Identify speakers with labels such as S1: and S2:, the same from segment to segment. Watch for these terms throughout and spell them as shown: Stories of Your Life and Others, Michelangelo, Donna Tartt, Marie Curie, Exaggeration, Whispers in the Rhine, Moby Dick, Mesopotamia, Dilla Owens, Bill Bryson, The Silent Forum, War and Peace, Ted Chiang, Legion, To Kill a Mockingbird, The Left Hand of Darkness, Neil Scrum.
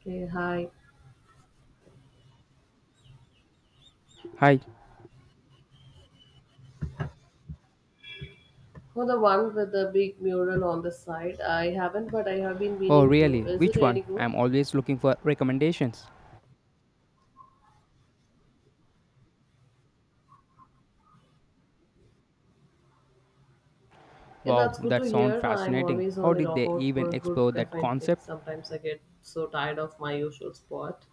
S1: Hey, hi.
S2: Hi.
S1: For the one with the big mural on the side, I haven't, but I have been
S2: Oh,
S1: meaning to.
S2: really?
S1: Is it
S2: Which
S1: any
S2: one?
S1: good?
S2: I'm always looking for recommendations.
S1: Yeah,
S2: Wow,
S1: that's good to
S2: that sounds
S1: hear. I'm
S2: fascinating.
S1: always on
S2: How
S1: the
S2: did they
S1: lookout for
S2: even
S1: a good
S2: explore that
S1: caffeine fix.
S2: concept?
S1: Sometimes I get so tired of my usual spot.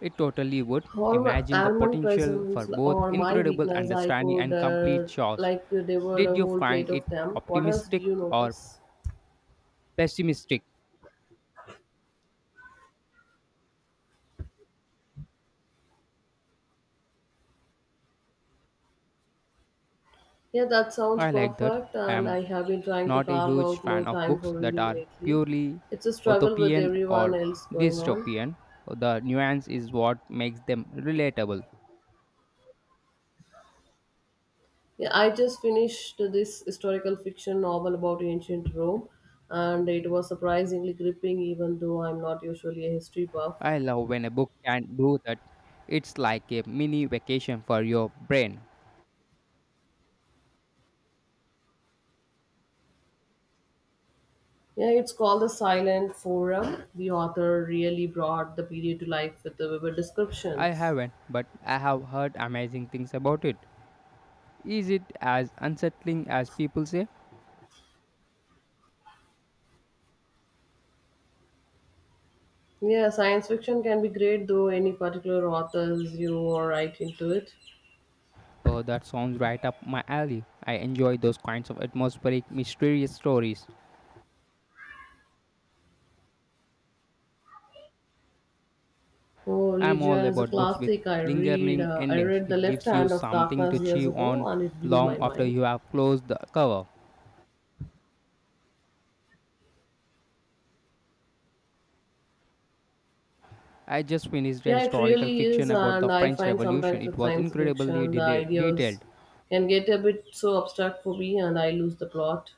S2: It totally would.
S1: All my
S2: Imagine the
S1: almond
S2: potential for
S1: presents
S2: both
S1: or my
S2: incredible
S1: weakness, I
S2: understanding
S1: could
S2: and complete chaos.
S1: like devour
S2: Did
S1: a
S2: you
S1: whole
S2: find
S1: plate
S2: it
S1: of them. What else do
S2: optimistic
S1: you
S2: or
S1: notice?
S2: pessimistic?
S1: Yeah, that sounds
S2: I like that.
S1: perfect, and I
S2: I'm
S1: have been trying to
S2: not a
S1: carve
S2: huge
S1: out
S2: fan
S1: more
S2: of
S1: time
S2: books
S1: for
S2: that
S1: reading
S2: are
S1: lately.
S2: purely
S1: It's a struggle with
S2: utopian
S1: everyone
S2: or
S1: else going on.
S2: dystopian. The nuance is what makes them relatable.
S1: Yeah, I just finished this historical fiction novel about ancient Rome, and it was surprisingly gripping, even though I'm not usually a history buff.
S2: I love when a book can do that. It's like a mini vacation for your brain.
S1: Yeah, it's called The Silent Forum. The author really brought the period to life with the vivid
S2: I
S1: descriptions.
S2: haven't, but I have heard amazing things about it. Is it as unsettling as people say?
S1: Yeah, science fiction can be great, though any particular authors you are right into it.
S2: Oh, that sounds right up my alley. I enjoy those kinds of atmospheric, mysterious stories.
S1: Oh,
S2: I'm all
S1: Legion is a
S2: about books with
S1: classic. I read,
S2: lingering
S1: uh, I
S2: endings.
S1: read The
S2: It
S1: Left
S2: gives you
S1: Hand of
S2: something to
S1: Darkness years
S2: chew
S1: ago,
S2: on
S1: and it blew
S2: long
S1: my
S2: after
S1: mind.
S2: you have closed the cover. I just finished a
S1: Yeah, it
S2: historical
S1: really is,
S2: fiction about the
S1: and I
S2: French
S1: find
S2: Revolution.
S1: sometimes
S2: It
S1: with
S2: was
S1: science
S2: incredibly
S1: fiction, the
S2: detailed.
S1: ideas can get a bit so abstract for me, and I lose the plot.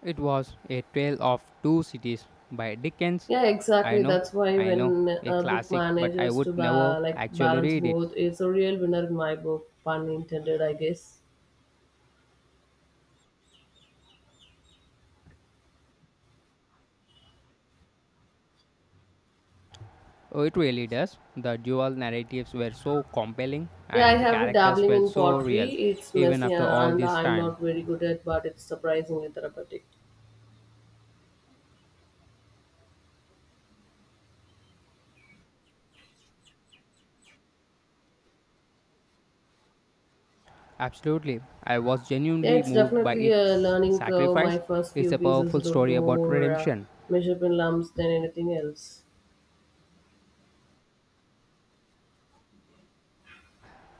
S2: It was A Tale of Two Cities by Dickens.
S1: Yeah,
S2: I
S1: exactly.
S2: know,
S1: That's why
S2: I know,
S1: when
S2: a
S1: a book
S2: classic, but I
S1: manages
S2: would
S1: to
S2: never actually
S1: balance
S2: read it.
S1: both, it's a real winner in my book. Pun intended, I guess.
S2: Oh, it really does. The dual narratives were so compelling
S1: Yeah, I
S2: and the
S1: have been
S2: characters
S1: dabbling
S2: felt
S1: in
S2: so
S1: pottery.
S2: real,
S1: It's
S2: even
S1: messy,
S2: after all
S1: and
S2: this
S1: I'm
S2: time.
S1: not very good at, but it's surprisingly therapeutic.
S2: Absolutely, I was
S1: Yeah,
S2: genuinely
S1: it's
S2: moved by
S1: definitely a
S2: its
S1: learning curve. My
S2: sacrifice.
S1: first
S2: It's
S1: few
S2: a
S1: pieces
S2: powerful
S1: looked
S2: story about
S1: more
S2: redemption,
S1: measured in lumps than anything else.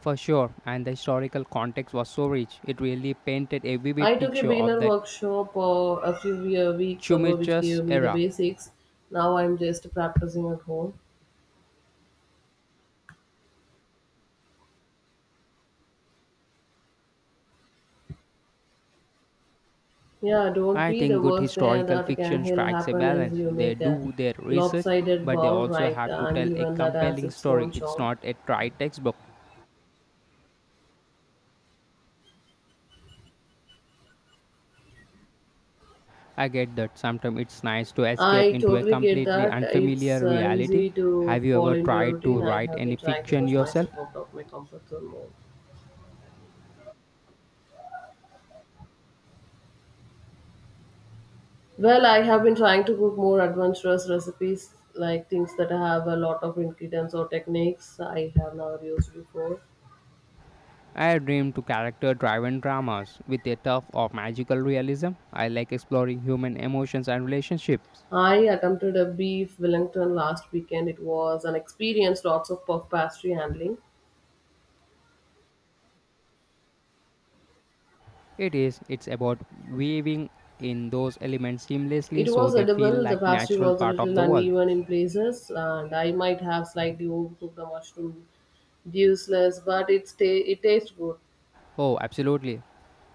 S2: for sure, and the historical context was so rich. It really painted a
S1: I
S2: vivid
S1: took a
S2: picture of
S1: beginner
S2: that
S1: workshop a weeks ago, which
S2: tumultuous
S1: gave me the
S2: era.
S1: basics. Now I'm just practicing at home. Yeah, don't
S2: I
S1: be the
S2: think good
S1: worst there
S2: historical
S1: that can
S2: fiction
S1: hell
S2: strikes a
S1: happen is
S2: balance.
S1: you
S2: They
S1: make a
S2: do their research,
S1: lopsided
S2: but they
S1: ball,
S2: also
S1: right?
S2: have to
S1: And
S2: tell a
S1: even that has
S2: compelling
S1: its own
S2: story. It's
S1: charm.
S2: not a dry textbook. I get that sometimes it's nice to escape
S1: I
S2: into a
S1: totally get
S2: completely
S1: that. It's
S2: unfamiliar reality.
S1: easy to
S2: Have you
S1: fall
S2: ever
S1: into a
S2: tried to
S1: routine. I
S2: write
S1: have been
S2: any
S1: trying to
S2: fiction
S1: push
S2: yourself?
S1: myself out of my comfort zone more. Well, I have been trying to cook more adventurous recipes, like things that have a lot of ingredients or techniques I have never used before.
S2: I dream to character driven dramas with a touch of magical realism. I like exploring human emotions and relationships.
S1: I attempted a beef Wellington last weekend. It was an experience, lots of puff pastry handling.
S2: It is. It's about weaving in those elements seamlessly
S1: It
S2: so
S1: was
S2: they feel
S1: edible, the
S2: like
S1: pastry
S2: natural
S1: was a
S2: part of
S1: little
S2: the world.
S1: uneven in places, and I might have slightly overcooked the mushroom juiceless, but it tastes good.
S2: Oh, absolutely.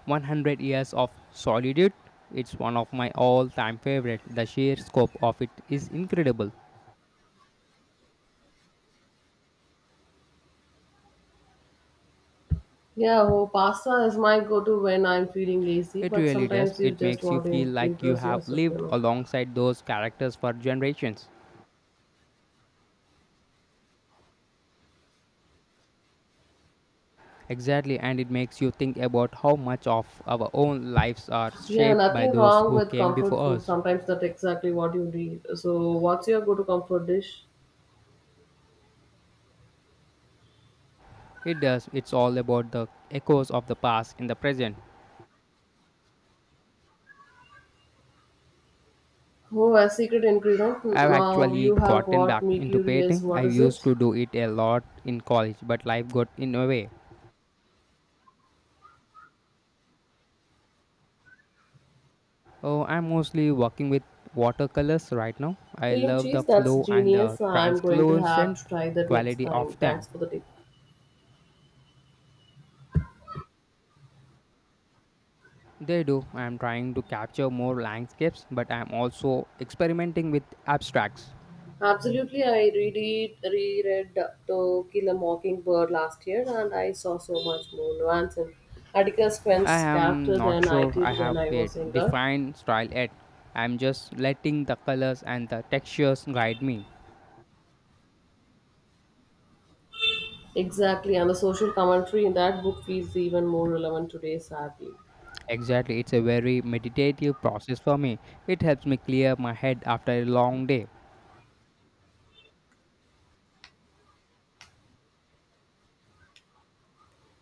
S2: 100 years of solitude. It's one of my all-time favorite. The sheer scope of it is incredible.
S1: Yeah, oh, pasta is my go to when I'm feeling lazy,
S2: It
S1: but
S2: really does.
S1: sometimes you
S2: It
S1: just
S2: makes you
S1: want to
S2: feel like you
S1: impress
S2: have
S1: yourself, you
S2: lived
S1: know.
S2: alongside those characters for generations. Exactly, and it makes you think about how much of our own lives are
S1: Yeah,
S2: shaped by
S1: nothing
S2: those
S1: wrong
S2: who
S1: with
S2: came
S1: comfort
S2: before
S1: food.
S2: us.
S1: Sometimes that's exactly what you need. So, what's your go-to comfort dish?
S2: It does. It's all about the echoes of the past in the present.
S1: Oh, a secret ingredient.
S2: I've
S1: Now
S2: actually
S1: you have
S2: gotten
S1: got
S2: back
S1: me
S2: into
S1: curious.
S2: painting. I
S1: What is
S2: used
S1: it?
S2: to do it a lot in college, but life got in the way. Oh, I'm mostly working with watercolors right now. I
S1: Cream
S2: love the
S1: cheese. That's
S2: flow and the
S1: genius. I'm going to have
S2: translucent
S1: to try that next
S2: quality
S1: time.
S2: of
S1: Thanks
S2: them.
S1: for the tip.
S2: They do. I'm trying to capture more landscapes, but I'm also experimenting with abstracts.
S1: Absolutely, I read it, reread To Kill a Mockingbird last year, and I saw so much more nuance in Atticus
S2: I
S1: Finch's
S2: am
S1: character
S2: not
S1: than I
S2: sure
S1: did
S2: I
S1: when
S2: have
S1: I
S2: a
S1: was younger.
S2: defined style yet. I'm just letting the colors and the textures guide me.
S1: Exactly, and the social commentary in that book feels even more relevant today, sadly.
S2: Exactly, it's a very meditative process for me. It helps me clear my head after a long day.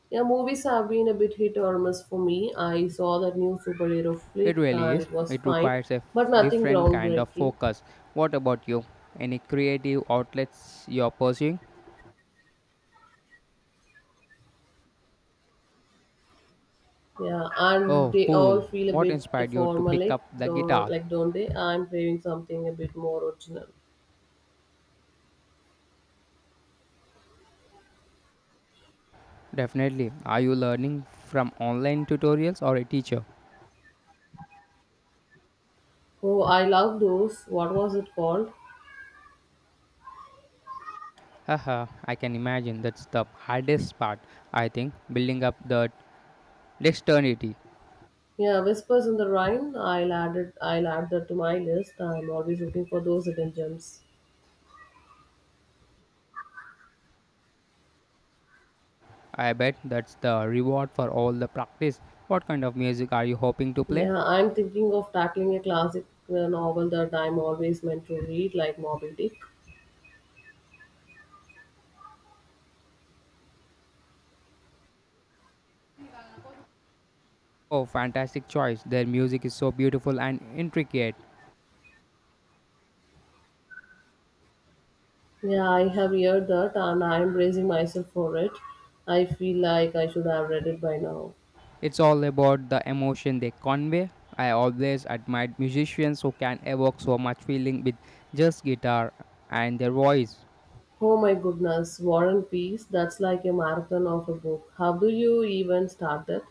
S1: Yeah, movies have been a bit hit or miss for me. I saw that new superhero
S2: It
S1: flick
S2: really
S1: and
S2: is.
S1: it was
S2: It
S1: fine,
S2: requires
S1: but nothing
S2: different kind of
S1: groundbreaking.
S2: focus. What about you? Any creative outlets you're pursuing?
S1: Yeah, and
S2: Oh,
S1: they all
S2: cool.
S1: feel a
S2: What
S1: bit
S2: inspired you to pick
S1: formalic,
S2: up the guitar?
S1: don't they? I'm craving something a bit more original.
S2: Definitely. Are you learning from online tutorials or a teacher?
S1: Oh, I love those. What was it called?
S2: Haha, I can imagine that's the hardest part, I think, building up the dexterity.
S1: Yeah, Whispers in the Rhine. I'll add it. I'll add that to my list. I'm always looking for those hidden gems.
S2: I bet that's the reward for all the practice. What kind of music are you hoping to play?
S1: Yeah, I'm thinking of tackling a classic novel that I'm always meant to read, like Moby Dick.
S2: Oh, fantastic choice. Their music is so beautiful and intricate.
S1: Yeah, I have heard that and I'm bracing myself for it. I feel like I should have read it by now.
S2: It's all about the emotion they convey. I always admired musicians who can evoke so much feeling with just guitar and their voice.
S1: Oh my goodness, War and Peace, that's like a marathon of a book. How do you even start that?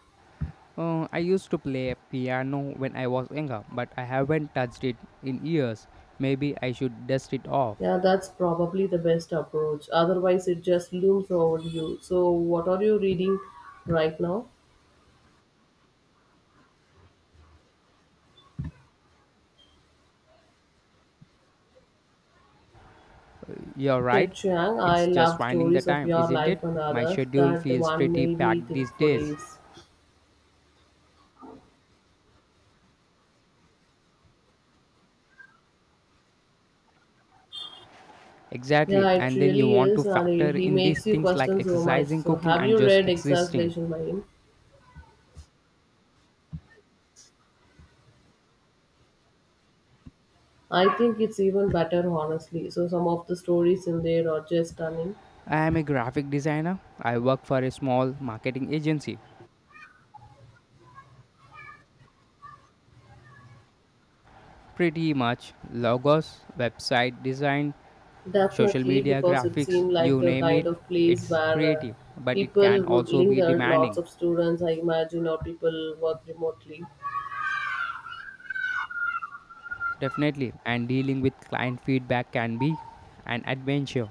S2: I used to play piano when I was younger, but I haven't touched it in years. Maybe I should dust it off.
S1: Yeah, that's probably the best approach. Otherwise, it just looms over you. So, what are you reading right now?
S2: You're
S1: Ted
S2: right.
S1: Chiang, I
S2: It's just
S1: love
S2: finding the
S1: stories of
S2: time,
S1: your
S2: isn't it?
S1: life and
S2: My
S1: others.
S2: schedule
S1: That
S2: feels
S1: one
S2: pretty
S1: made me
S2: packed
S1: think
S2: these
S1: for
S2: days.
S1: days.
S2: Exactly.
S1: Yeah, it
S2: And then you
S1: really
S2: want to
S1: is, and he
S2: factor
S1: he
S2: in these
S1: makes you
S2: things like
S1: question so much.
S2: exercising,
S1: So,
S2: cooking,
S1: have
S2: and
S1: you
S2: just
S1: read
S2: existing.
S1: Exaggeration by him? I think it's even better, honestly. So, some of the stories in there are just stunning.
S2: I am a graphic designer. I work for a small marketing agency. Pretty much logos, website design, social
S1: Definitely,
S2: media,
S1: because it
S2: graphics,
S1: seemed like
S2: you
S1: the
S2: name it,
S1: kind of place
S2: it's
S1: where
S2: creative, but it can
S1: people would
S2: also be
S1: linger. Lots
S2: demanding.
S1: of students, I imagine, or people work remotely.
S2: Definitely, and dealing with client feedback can be an adventure.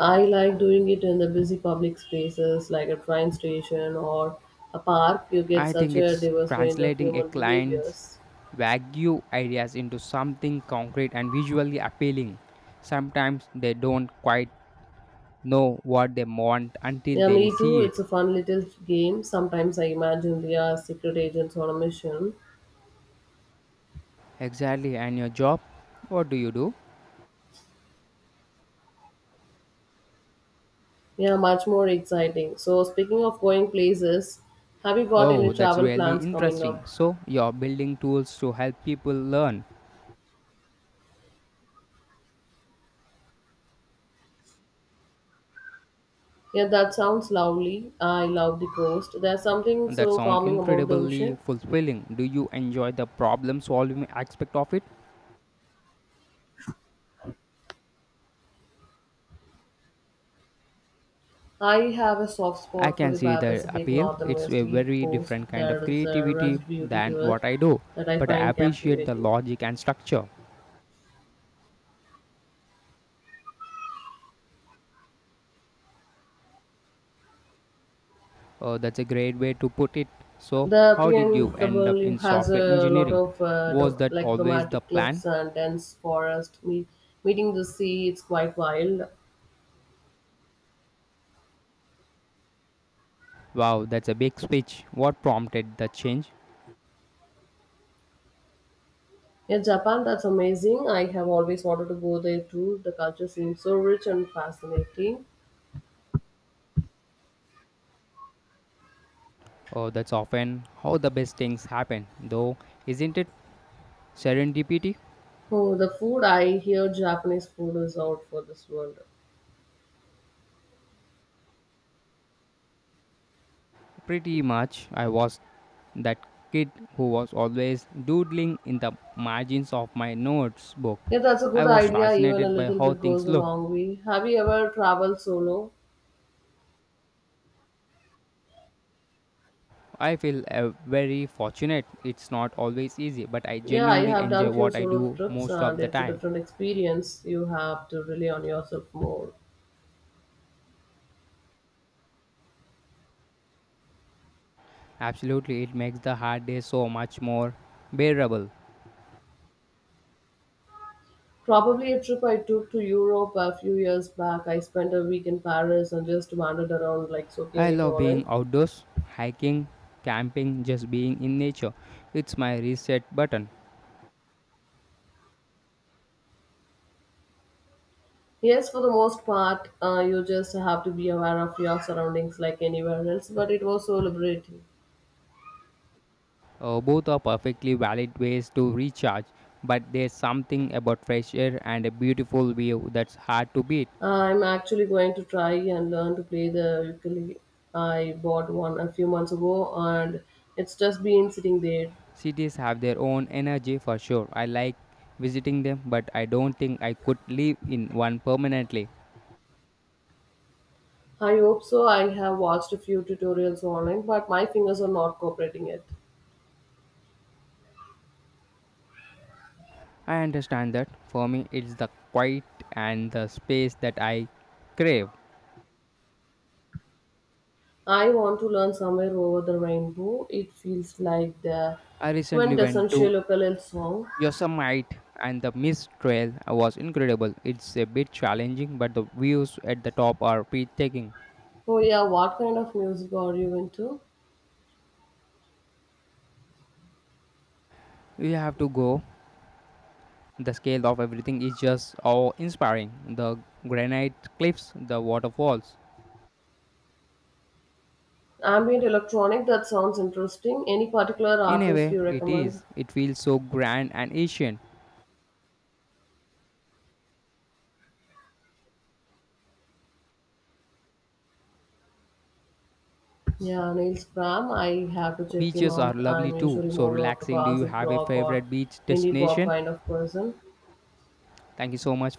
S1: I like doing it in the busy public spaces like a train station or a park. You get
S2: I
S1: such
S2: think
S1: a
S2: it's
S1: diverse range of
S2: translating a
S1: human
S2: client's
S1: behaviors.
S2: vague ideas into something concrete and visually appealing. Sometimes they don't quite know what they want until
S1: Yeah,
S2: they
S1: me too.
S2: see it.
S1: It's a fun little game. Sometimes I imagine they are secret agents on a mission.
S2: Exactly, and your job? What do you do?
S1: Yeah, much more exciting. So, speaking of going places, have you got any
S2: Oh, that's
S1: travel
S2: really
S1: plans coming
S2: interesting.
S1: up?
S2: So, you're building tools to help people learn.
S1: Yeah, that sounds lovely. I love the coast. There's something
S2: That
S1: so
S2: sounds
S1: calming about the
S2: incredibly
S1: ocean.
S2: fulfilling. Do you enjoy the problem solving aspect of it?
S1: I have a soft
S2: I
S1: spot for
S2: can
S1: the
S2: see the
S1: Pacific
S2: appeal. It's
S1: Northwest
S2: a very
S1: coast.
S2: different kind
S1: There
S2: of
S1: is a
S2: creativity
S1: rugged beauty
S2: than
S1: to it
S2: what I do,
S1: that I
S2: but I
S1: find
S2: appreciate the
S1: captivating.
S2: logic and structure. That's a great way to put it. So,
S1: The
S2: how did you end up
S1: PNW
S2: in
S1: has
S2: software
S1: a lot
S2: engineering?
S1: of
S2: Was that always the
S1: dramatic
S2: plan?
S1: cliffs and dense meeting the sea. It's quite wild.
S2: Wow, that's a big speech. What prompted the change?
S1: In Japan, that's amazing. I have always wanted to go there too. The culture seems so rich and fascinating.
S2: Oh, that's often how the best things happen, though, isn't it? Serendipity?
S1: Oh, the food! I hear Japanese food is out for this world.
S2: Pretty much. I was that kid who was always doodling in the margins of my notes book.
S1: Yeah, that's a good
S2: I was
S1: idea. Even a
S2: fascinated by
S1: little
S2: how
S1: bit goes
S2: things
S1: a
S2: look.
S1: long way. Have you ever traveled solo?
S2: I feel very fortunate. It's not always easy, but I
S1: Yeah, I
S2: genuinely
S1: have done
S2: enjoy
S1: few
S2: what I
S1: solo
S2: do
S1: trips
S2: most
S1: and
S2: of the
S1: it's a
S2: time.
S1: different experience. You have to rely on yourself more.
S2: Absolutely, it makes the hard day so much more bearable.
S1: Probably a trip I took to Europe a few years back. I spent a week in Paris and just wandered around like soaking
S2: I
S1: it
S2: love
S1: all in.
S2: being outdoors, hiking, camping, just being in nature. It's my reset button.
S1: Yes, for the most part, you just have to be aware of your surroundings like anywhere else, but it was so liberating.
S2: Both are perfectly valid ways to recharge, but there's something about fresh air and a beautiful view that's hard to beat.
S1: I'm actually going to try and learn to play the ukulele. I bought one a few months ago and it's just been sitting there.
S2: Cities have their own energy for sure. I like visiting them, but I don't think I could live in one permanently.
S1: I hope so. I have watched a few tutorials online, but my fingers are not cooperating yet.
S2: I understand that. For me, it's the quiet and the space that I crave.
S1: I want to learn somewhere over the rainbow. It feels like the
S2: I recently went
S1: quintessential
S2: to
S1: ukulele song.
S2: Yosemite and the Mist Trail was incredible. It's a bit challenging, but the views at the top are breathtaking.
S1: Oh yeah, what kind of music are you into?
S2: You have to go. The scale of everything is just awe inspiring. The granite cliffs, the waterfalls.
S1: Ambient electronic, that sounds interesting. Any particular
S2: In a
S1: artist
S2: way,
S1: you
S2: it
S1: recommend?
S2: is. It feels so grand and ancient.
S1: Yeah, Neil Scrum, I have to check him
S2: Beaches are
S1: out.
S2: lovely
S1: I'm
S2: too,
S1: usually
S2: so
S1: more of a
S2: relaxing. Do you
S1: classic
S2: have a
S1: rock or
S2: favorite beach
S1: indie pop
S2: destination?
S1: kind of person.
S2: Thank you so much for